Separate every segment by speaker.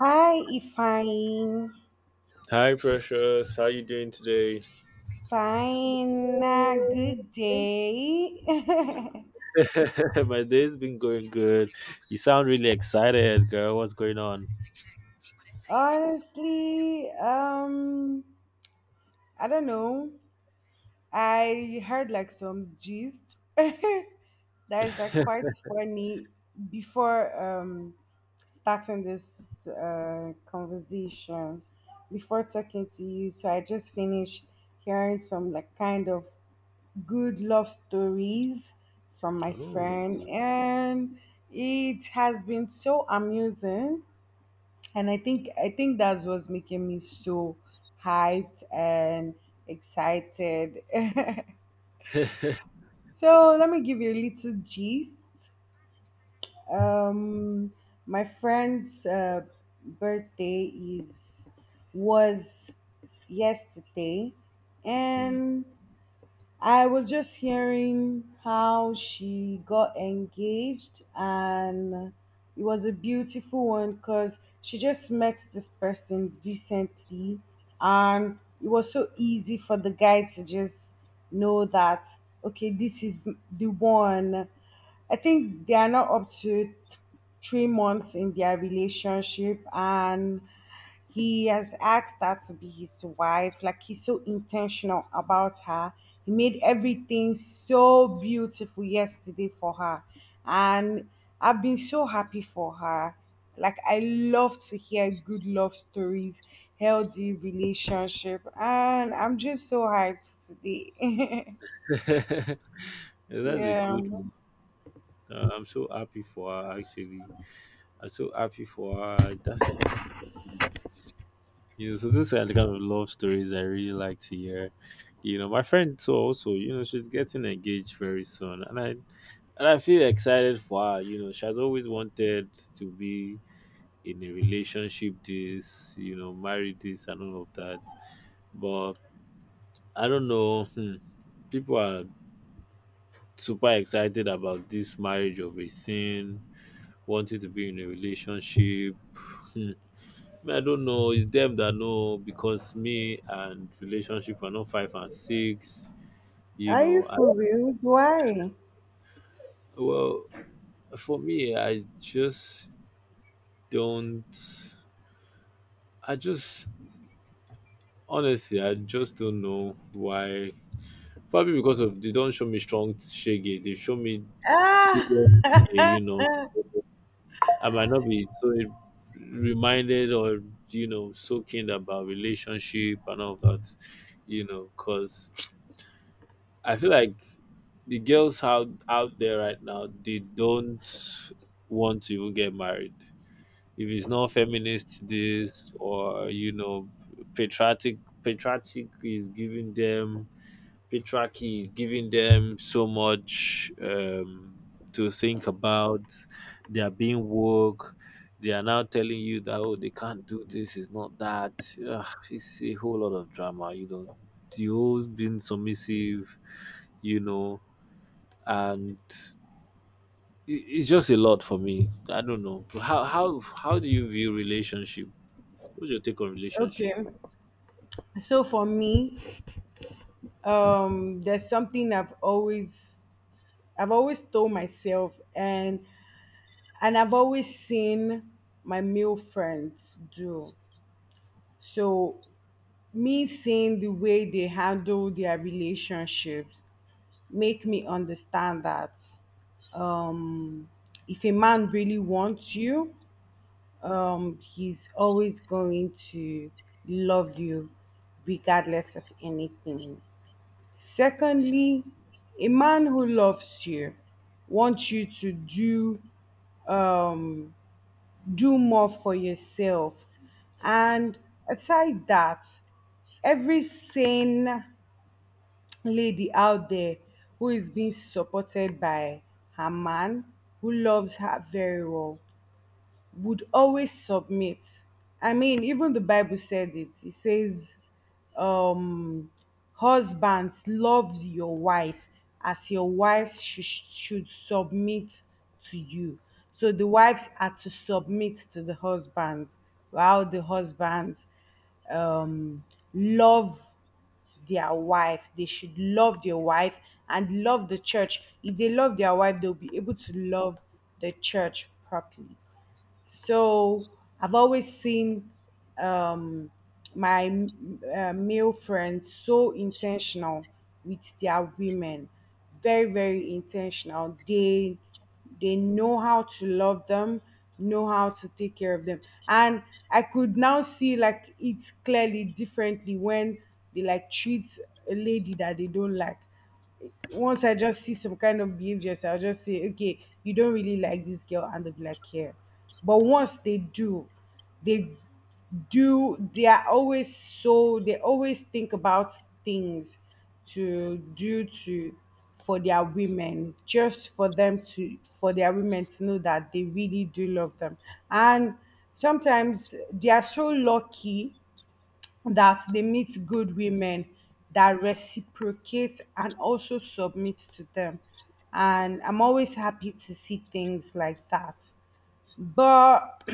Speaker 1: Hi, Ifine.
Speaker 2: Hi, Precious. How you doing today?
Speaker 1: Fine, good day.
Speaker 2: My day's been going good. You sound really excited, girl. What's going on?
Speaker 1: Honestly, I don't know. I heard like some gist that is like quite funny before starting this conversation before talking to you, so I just finished hearing some like kind of good love stories from my
Speaker 2: Oh.
Speaker 1: friend, and it has been so amusing. And I think that's what's making me so hyped and excited. So let me give you a little gist. Um, my friend's birthday is was yesterday,
Speaker 2: Mm.
Speaker 1: and I was just hearing how she got engaged, and it was a beautiful one because she just met this person recently, and it was so easy for the guy to just know that, okay, this is the one. I think they are not up to 3 months in their relationship, and he has asked her to be his wife. Like, he's so intentional about her. He made everything so beautiful yesterday for her. And I've been so happy for her. Like, I love to hear good love stories, healthy relationship, and I'm just so hyped today.
Speaker 2: That's a
Speaker 1: Yeah.
Speaker 2: good one. I'm so happy for her. Actually, I'm so happy for her. That's. So this are the kind of love stories I really like to hear. My friend too. Also, she's getting engaged very soon, and I feel excited for her. You know, she has always wanted to be in a relationship, this marry this and all of that, but I don't know. People are super excited about this marriage of a thing, wanting to be in a relationship. Hmm. Me, I don't know, it's them that know, because me and relationship are not five and six, you
Speaker 1: Are you
Speaker 2: know I,
Speaker 1: for real? Why?
Speaker 2: well, for me I just don't. I just honestly I just don't know why. Probably because of they don't show me strong shege. They show me serious
Speaker 1: Ah
Speaker 2: shege, you know. I might not be so reminded or so keen about relationship and all that, you know. Cause I feel like the girls out there right now, they don't want to even get married. If it's not feminist, this, or patriotic is giving them, Petrarchy is giving them so much, to think about. They are being woke. They are now telling you that oh they can't do this, it's not that. Ugh, it's a whole lot of drama. You know, the whole being submissive. You know, and it's just a lot for me. I don't know, how do you view relationship? What's your take on relationship?
Speaker 1: okay. So for me, there's something I've always told myself, and I've always seen my male friends do. So me seeing the way they handle their relationships make me understand that um if a man really wants you, he's always going to love you regardless of anything. Secondly, a man who loves you wants you to um, do more for yourself. And aside that, every sane lady out there who is being supported by her man, who loves her very well, would always submit. I mean, even the Bible said it. It says, um, husbands, love your wife as your wife should submit to you. So the wives are to submit to the husband, while the husbands um, love their wife. They should love their wife and love the church. If they love their wife, they'll be able to love the church properly. So I've always seen um, my male friends so intentional with their women, very very intentional. They know how to love them, know how to take care of them, and I could now see like it's clearly differently when they like treat a lady that they don't like. Once I just see some kind of behavior, so I'll just say, okay, you don't really like this girl, and they'll be like, yeah. But once they they do, they are always so, they always think about things to for their women, just for them for their women to know that they really do love them. And sometimes they are so lucky that they meet good women that reciprocate and also submit to them. And I'm always happy to see things like that. But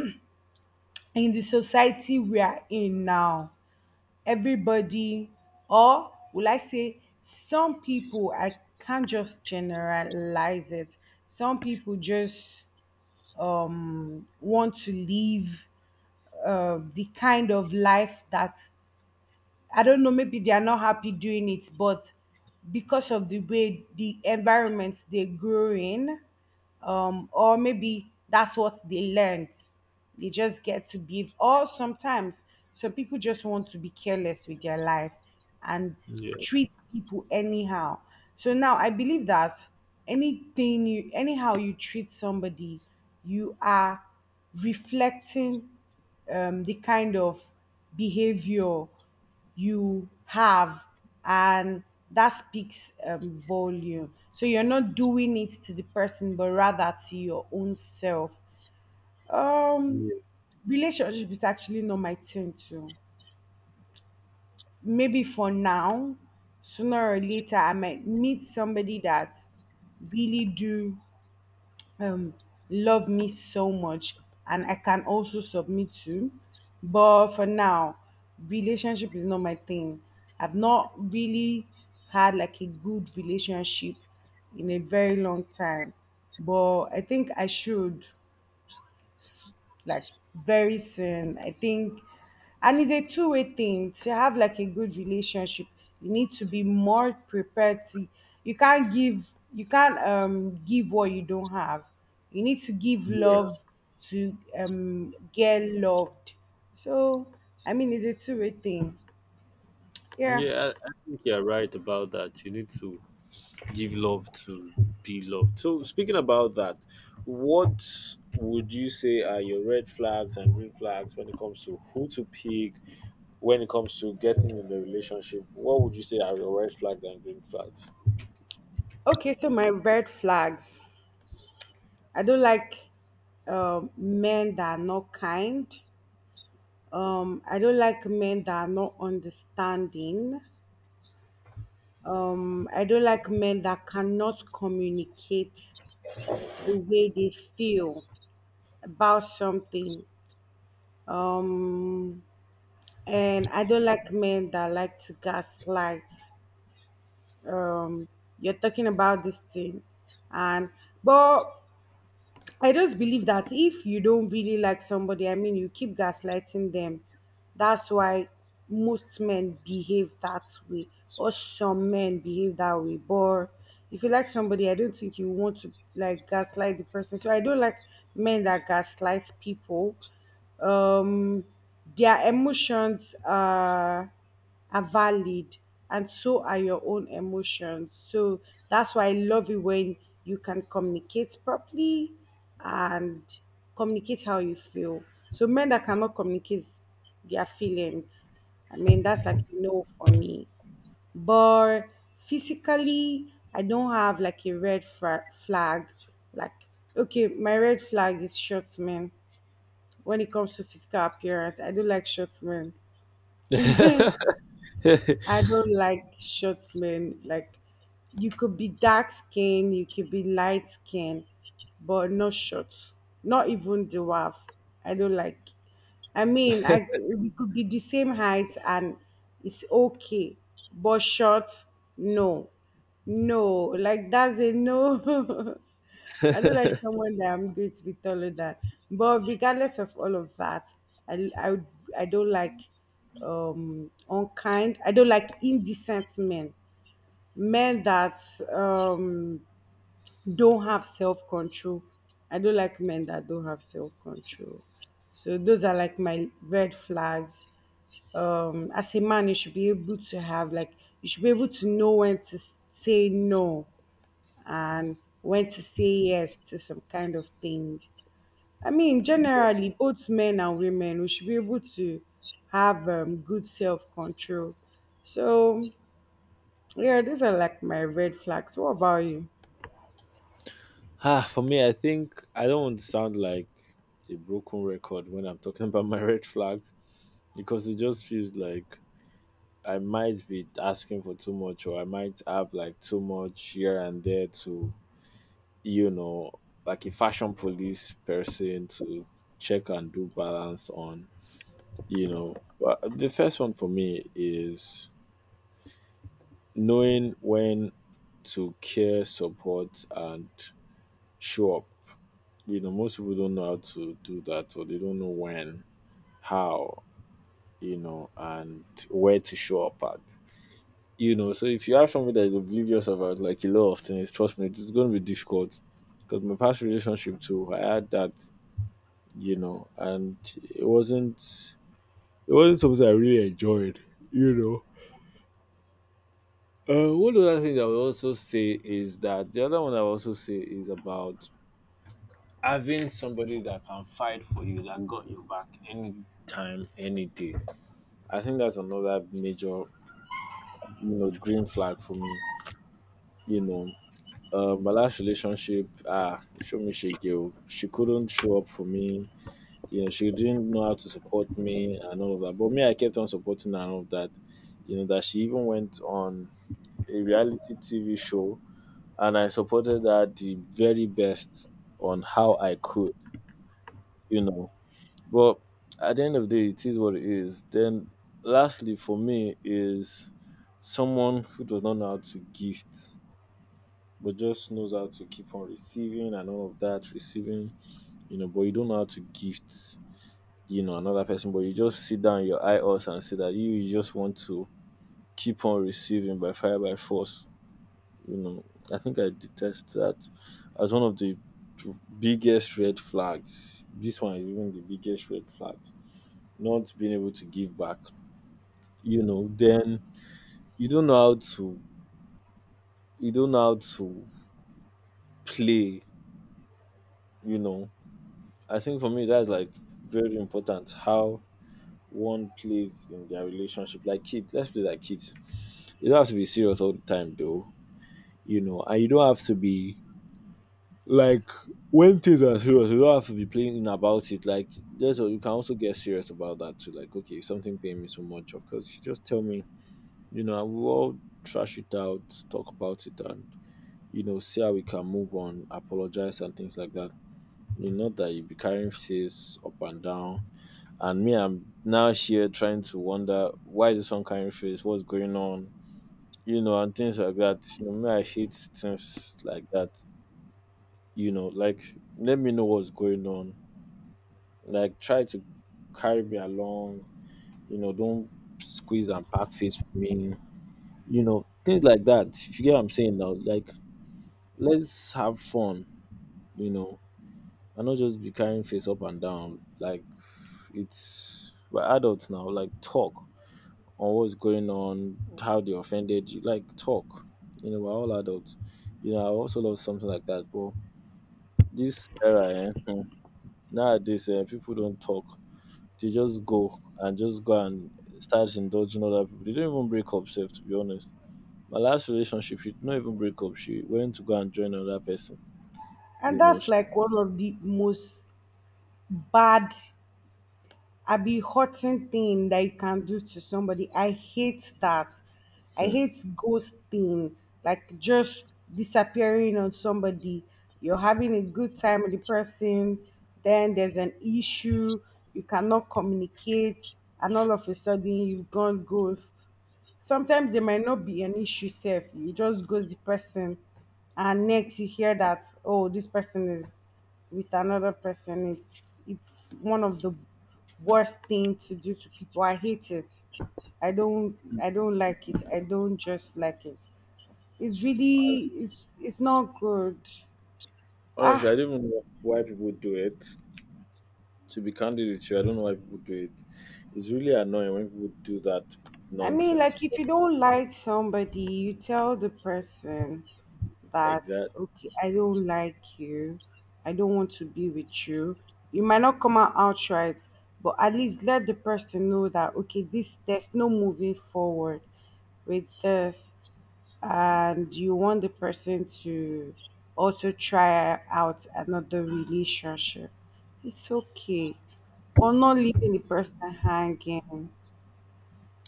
Speaker 1: in the society we are in now, everybody, or will I say, some people, I can't just generalize it, some people just want to live the kind of life that, I don't know, maybe they are not happy doing it, but because of the way the environment they grew in, or maybe that's what they learned. They just get to behave. Or sometimes some people just want to be careless with their life and
Speaker 2: Yeah,
Speaker 1: treat people anyhow. So now I believe that anything you anyhow you treat somebody, you are reflecting the kind of behavior you have, and that speaks volume. So you're not doing it to the person but rather to your own self. um
Speaker 2: yeah,
Speaker 1: Relationship is actually not my thing too, maybe for now. Sooner or later I might meet somebody that really do um love me so much, and I can also submit to. But for now, relationship is not my thing. I've not really had like a good relationship in a very long time. But I think I should like very soon. I think, and it's a two-way thing. To have like a good relationship, you need to be more prepared. You can't give, you can't give what you don't have. You need to give
Speaker 2: yeah.
Speaker 1: love to get loved. So I mean, it's a two-way thing. Yeah.
Speaker 2: Yeah, I think you're right about that. You need to give love to be loved. So speaking about that, what would you say are your red flags and green flags when it comes to who to pick, when it comes to getting in the relationship? What would you say are your red flags and green flags?
Speaker 1: Okay. So my red flags. I don't like men that are not kind. I don't like men that are not understanding. I don't like men that cannot communicate the way they feel about something. Um, and I don't like men that like to gaslight. Um, you're talking about this thing, and but I just believe that if you don't really like somebody, I mean, you keep gaslighting them. That's why most men behave that way, or some men behave that way. But if you like somebody, I don't think you want to like gaslight the person. So I don't like men that gaslight people. Um, their emotions are valid, and so are your own emotions. So that's why I love it when you can communicate properly and communicate how you feel. So men that cannot communicate their feelings, I mean that's like a no for me. But physically, I don't have like a red flag. Like okay, my red flag is short men. When it comes to physical appearance, I do like short men. I don't like short men. Like, you could be dark skin, you could be light skin, but not short. Not even dwarf. I don't like. I mean, I we could be the same height and it's okay, but short, no, no. Like that's a no. I don't like someone that I'm going to be taller than. But regardless of all of that, I I, I don't like unkind. I don't like indecent men. Men that um don't have self control. I don't like men that don't have self control. So those are like my red flags. As a man, you should be able to have like, you should be able to know when to say no, and went to say yes to some kind of thing. I mean, generally, both men and women, we should be able to have good self control. So, yeah, these are like my red flags. What about you?
Speaker 2: Ah, for me, I think I don't want to sound like a broken record when I'm talking about my red flags, because it just feels like I might be asking for too much, or I might have like too much here and there, to you know, like a fashion police person to check and do balance on, you know. But the first one for me is knowing when to care, support, and show up. You know, most people don't know how to do that, or they don't know when, how, and where to show up at. You know, so if you have something that is oblivious about like a lot of things, trust me, it's going to be difficult. Because my past relationship too, I had that, you know, and it wasn't something I really enjoyed, you know. One other thing I would also say is that, the other one I would also say is about having somebody that can fight for you, that got your back any time, any day. I think that's another major, you know, green flag for me. You know, my last relationship, ah, show me she girl. She couldn't show up for me. Yeah, she didn't know how to support me and all of that. But me, I kept on supporting her and all of that. You know, that she even went on a reality TV show, and I supported her the very best on how I could, you know. But at the end of the day, it is what it is. Then, lastly, for me, is someone who does not know how to gift. But just knows how to keep on receiving and all of that, receiving, you know, but you don't know how to gift, another person, but you just sit down, your eye us and say that you just want to keep on receiving by fire by force. You know, I think I detest that as one of the biggest red flags. This one is even the biggest red flag. Not being able to give back. You know, then you don't know how to you don't know how to play, you know. I think for me that's like very important how one plays in their relationship. Like kids, let's play like kids. You don't have to be serious all the time, though. You know, and you don't have to be like, when things are serious, you don't have to be playing about it. Like, you can also get serious about that too. Like, okay, if something paying me so much, of course, you just tell me. You know, and we'll all trash it out, talk about it, and see how we can move on, apologize, and things like that. You know, that you be carrying faces up and down. And me, I'm now here trying to wonder, why is this one carrying face? What's going on? You know, and things like that. You know, me, I hate things like that. You know, like let me know what's going on. Like try to carry me along. You know, don't squeeze and pack face for me. You know, things like that. If you get what I'm saying now, like let's have fun. You know, and not just be carrying face up and down. Like, it's we're adults now. Like talk on what's going on, how they offended you. Like talk. You know, we're all adults. You know, I also love something like that, but this era, eh, nowadays, eh, people don't talk. They just go and start indulging other people. They don't even break up, self, to be honest. My last relationship, she did not even break up. She went to go and join another person.
Speaker 1: And
Speaker 2: You know,
Speaker 1: that's
Speaker 2: she,
Speaker 1: like one of the most bad I be hurting thing that you can do to somebody. I hate that. I
Speaker 2: hmm.
Speaker 1: hate ghosting, like just disappearing on somebody. You're having a good time with the person, then there's an issue, you cannot communicate, and all of a sudden you've gone ghost. Sometimes there might not be an issue, safe you just ghost the person, and next you hear that, oh, this person is with another person. It's one of the worst thing to do to people. I hate it. I don't like it. I don't just like it. It's really, it's not good.
Speaker 2: Honestly,
Speaker 1: Ah.
Speaker 2: I don't even know why people do it. To be candid with you, I don't know why people do it. It's really annoying when people do that
Speaker 1: I mean,
Speaker 2: nonsense.
Speaker 1: like, if you don't like somebody, you tell the person that,
Speaker 2: Exact,
Speaker 1: okay, I don't like you. I don't want to be with you. You might not come out outright, but at least let the person know that, okay, there's no moving forward with this. And you want the person to also try out another relationship. It's okay, but not leaving the person hanging.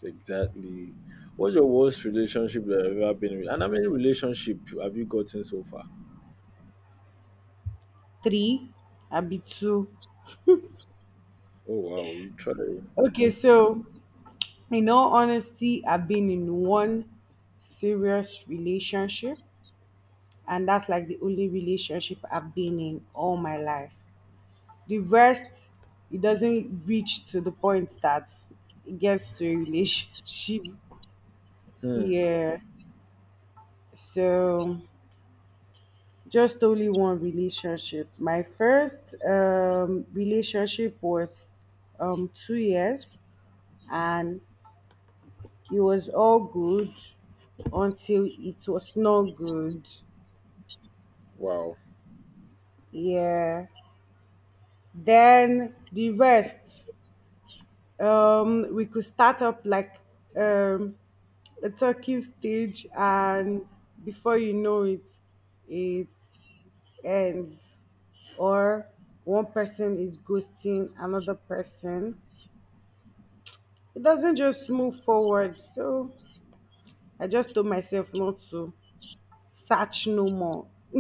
Speaker 2: exactly. What's your worst relationship that you've ever been with? And how many relationship have you gotten so far?
Speaker 1: Three, I'd be two.
Speaker 2: Oh wow, you try.
Speaker 1: Okay,
Speaker 2: Hmm.
Speaker 1: so in all honesty, I've been in one serious relationship, and that's like the only relationship I've been in all my life. The rest, it doesn't reach to the point that it gets to a relationship.
Speaker 2: Hmm.
Speaker 1: Yeah, so just only one relationship. My first relationship was 2 years, and it was all good until it was not good.
Speaker 2: Wow.
Speaker 1: Yeah. Then the rest, we could start up like um, a talking stage, and before you know it, it ends. Or one person is ghosting another person. It doesn't just move forward. So I just told myself not to search no more.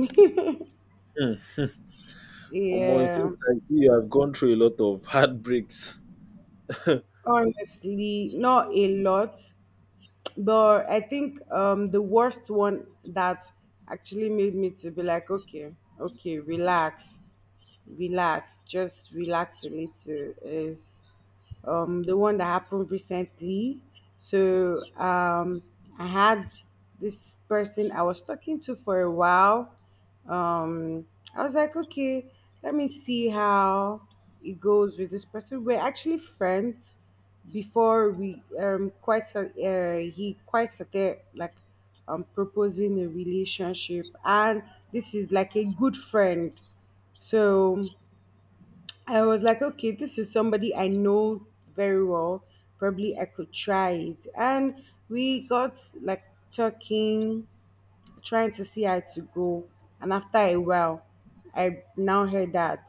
Speaker 2: Almost
Speaker 1: Yeah.
Speaker 2: seems like you have gone through a lot of heartbreaks.
Speaker 1: Honestly, not a lot, but I think the worst one that actually made me to be like, okay, okay, relax, relax, just relax a little is the one that happened recently. So I had this person I was talking to for a while. Um, I was like, okay, let me see how it goes with this person. We're actually friends before we he quite started like proposing a relationship, and this is like a good friend. So I was like, okay, this is somebody I know very well. Probably I could try it. And we got like talking, trying to see how to go. And after a while, I now heard that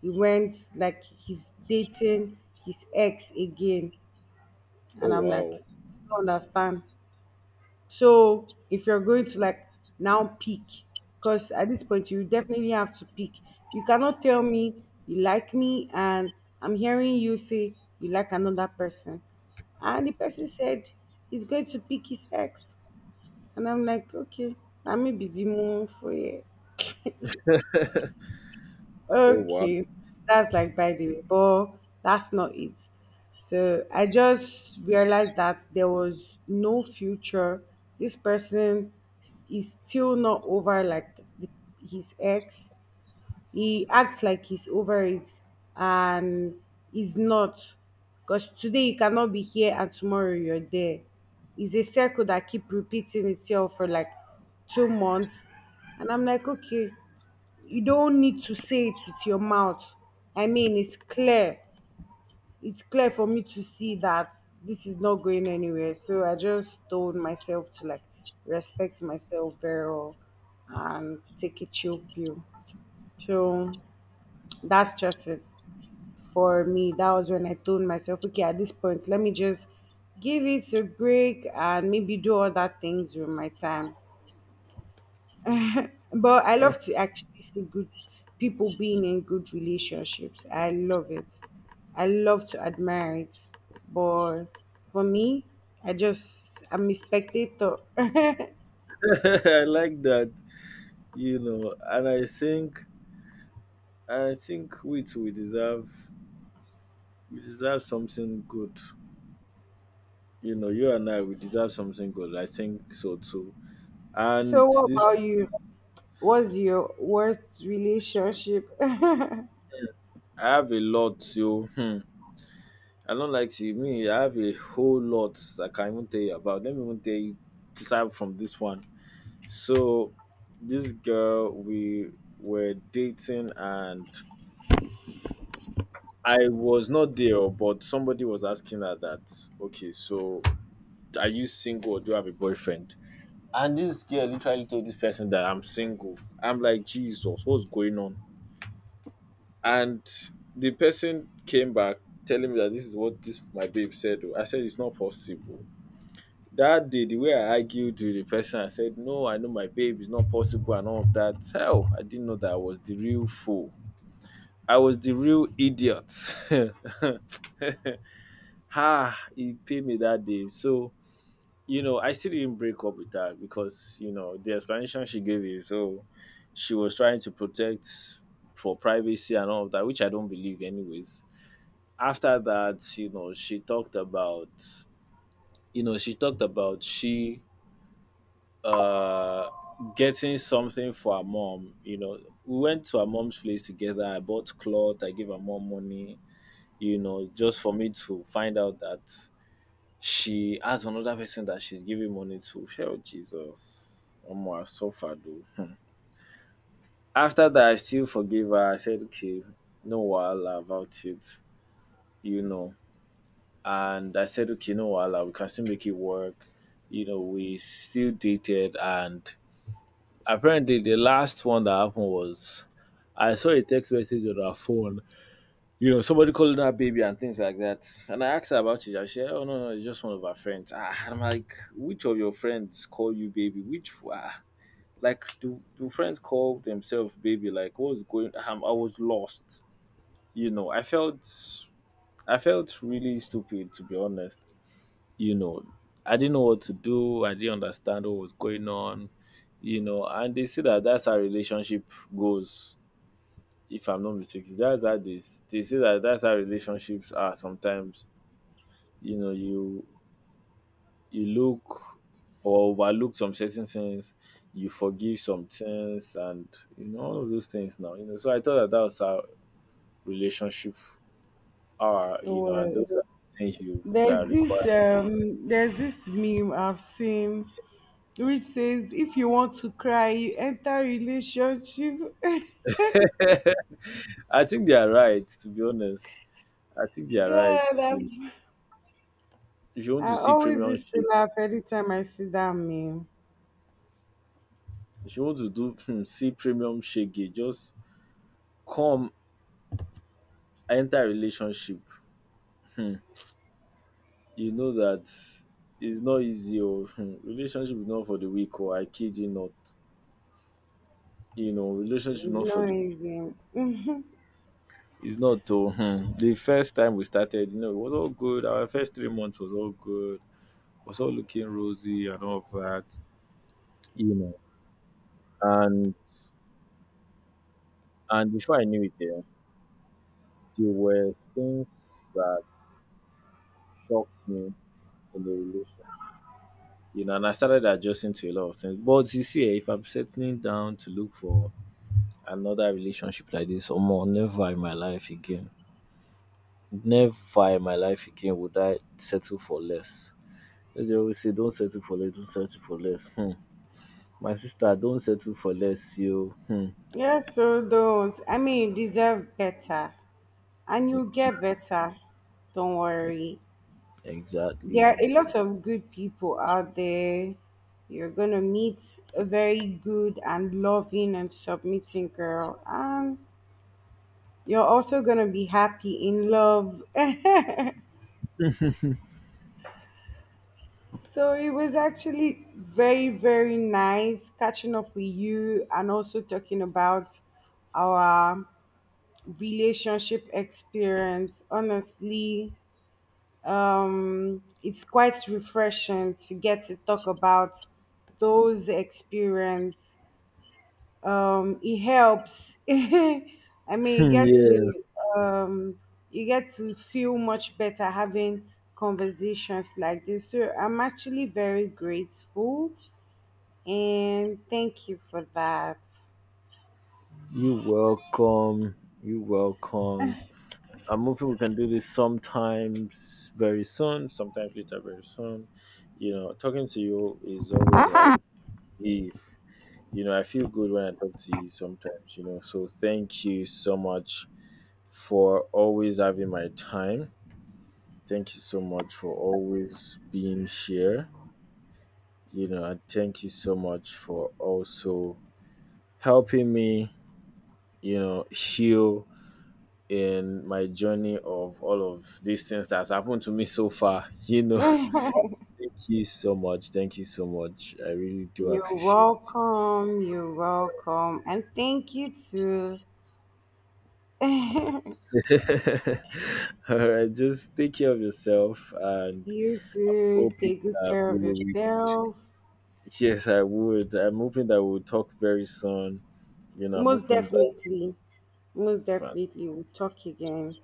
Speaker 1: he went like he's dating his ex again. And
Speaker 2: Oh
Speaker 1: I'm like,
Speaker 2: wow.
Speaker 1: I don't understand. So if you're going to like now pick, because at this point you definitely have to pick. You cannot tell me you like me and I'm hearing you say you like another person. And the person said he's going to pick his ex. And I'm like, okay, that may be the moon for you.
Speaker 2: Oh wow.
Speaker 1: Okay, that's like by the way, but that's not it. So I just realized that there was no future. This person is still not over like his ex. He acts like he's over it, and he's not. Because today you cannot be here and tomorrow you're there. It's a circle that keep repeating itself for like 2 months. And I'm like, okay, you don't need to say it with your mouth. I mean, it's clear. It's clear for me to see that this is not going anywhere. So I just told myself to like respect myself very well and take a chill pill. So that's just it. For me, that was when I told myself, okay, at this point, let me just give it a break and maybe do other things with my time. But I
Speaker 2: Oh.
Speaker 1: love to actually see good people being in good relationships. I love it. I love to admire it. But for me, I just I'm a spectator.
Speaker 2: I like that. You know, and I think we deserve, we deserve something good. You know, you and I, we deserve something good. I think so too.
Speaker 1: So
Speaker 2: And
Speaker 1: what
Speaker 2: this,
Speaker 1: about you? What's your worst relationship?
Speaker 2: I have a lot, so I don't like to me, I have a whole lot I can even tell you about. Let me even tell you aside from this one. So this girl we were dating, and I was not there, but somebody was asking her that, okay, so are you single or do you have a boyfriend? And this girl literally told this person that I'm single. I'm like, Jesus, what's going on? And the person came back telling me that this is what this my babe said. Oh. I said it's not possible. That day, the way I argued with the person, I said no, I know my babe, it's not possible, and all of that. Hell, I didn't know that I was the real fool. I was the real idiot. Ha! It paid me that day. So you know, I still didn't break up with her, because you know the explanation she gave is, oh, she was trying to protect for privacy and all of that, which I don't believe anyways. After that, you know, she talked about she uh getting something for her mom. You know, we went to her mom's place together, I bought cloth, I gave her mom money, you know, just for me to find out that she has another person that she's giving money to. Hell, Jesus, omo, I suffered though. Hmm. After that, I still forgive her. I said okay, no wahala about it, you know. And I said okay, no wahala, we can still make it work, you know. We still dated, and apparently the last one that happened was, I saw a text message on her phone, you know, somebody calling her baby and things like that. And I asked her about it. And she said, oh no, no, it's just one of her friends. Ah, I'm like, which of your friends call you baby? Which, ah, like do friends call themselves baby? Like what's going, I was lost. You know, I felt really stupid to be honest. You know, I didn't know what to do. I didn't understand what was going on, you know, and they say that that's how relationship goes. If I'm not mistaken, that's how they say that that's how relationships are. Sometimes you know, you look or overlook some certain things, you forgive some things, and you know all of those things. Now you know, so I thought that that was how relationship are. You know, and
Speaker 1: What?
Speaker 2: those are things you that are required.
Speaker 1: There's this meme I've seen which says if you want to cry, you enter relationship.
Speaker 2: I think they are right. To be honest, I think they are
Speaker 1: God,
Speaker 2: right.
Speaker 1: I've,
Speaker 2: You know, if you want to
Speaker 1: I
Speaker 2: see
Speaker 1: always
Speaker 2: premium
Speaker 1: used to
Speaker 2: shake.
Speaker 1: laugh every time I see that meme.
Speaker 2: If you want to do see premium shege, just come, enter relationship. Um, you know that, it's not easy. Or, um, relationship is not for the weak. Or I kid you not. You know, relationship is
Speaker 1: It's
Speaker 2: not for
Speaker 1: not
Speaker 2: the,
Speaker 1: easy. Mhm.
Speaker 2: it's not oo. Um, the first time we started, you know, it was all good. Our first 3 months was all good, was all looking rosy and all of that, you know. And and before I knew it, there were things that shocked me in the relation. You know, and I started adjusting to a lot of things. But you see, eh, if I'm settling down to look for another relationship like this, or more, never in my life again, never in my life again would I settle for less. As they always say, don't settle for less, don't settle for less. Hmm. My sister, don't settle for less, you. Hmm.
Speaker 1: Yeah, so those, I mean, you deserve better. And you
Speaker 2: Ex-
Speaker 1: get better. Don't
Speaker 2: ex-
Speaker 1: worry. There are
Speaker 2: Exactly.
Speaker 1: a lot of good people out there. You're gonna meet a very good and loving and submitting girl, and you're also gonna be happy in love. So it was actually very, very nice catching up with you and also talking about our relationship experience. Honestly, it's quite refreshing to get to talk about those experience. It helps. I mean,
Speaker 2: Yeah.
Speaker 1: um, you get to feel much better having conversations like this. So I'm actually very grateful, and thank you for that.
Speaker 2: You welcome. You welcome. I'm hoping we can do this sometimes very soon, sometimes later very soon. You know, talking to you is always like, if you know, I feel good when I talk to you sometimes, you know. So thank you so much for always having my time. Thank you so much for always being here. You know, and thank you so much for also helping me, you know, heal in my journey of all of these things that's happened to me so far, you know. Thank you so much. Thank you so much. I really do
Speaker 1: You're
Speaker 2: appreciate
Speaker 1: welcome. You're welcome. And thank you too.
Speaker 2: it. All right. Just take care of yourself, and
Speaker 1: You too.
Speaker 2: hoping
Speaker 1: Take good
Speaker 2: that
Speaker 1: care of
Speaker 2: we will.
Speaker 1: yourself.
Speaker 2: Yes, I would. I'm hoping that we'll talk very soon. You know, I'm
Speaker 1: Most
Speaker 2: hoping that.
Speaker 1: definitely. Most
Speaker 2: Fine.
Speaker 1: definitely. We'll talk again.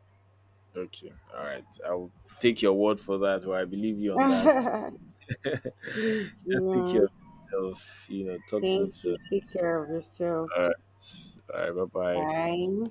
Speaker 2: Okay. All right. I'll take your word for that, or I believe you on that.
Speaker 1: Please
Speaker 2: Just take care
Speaker 1: do.
Speaker 2: of yourself. You know, talk to you
Speaker 1: Thank you.
Speaker 2: soon.
Speaker 1: Take care of yourself.
Speaker 2: All right. All right. Bye bye.
Speaker 1: Bye.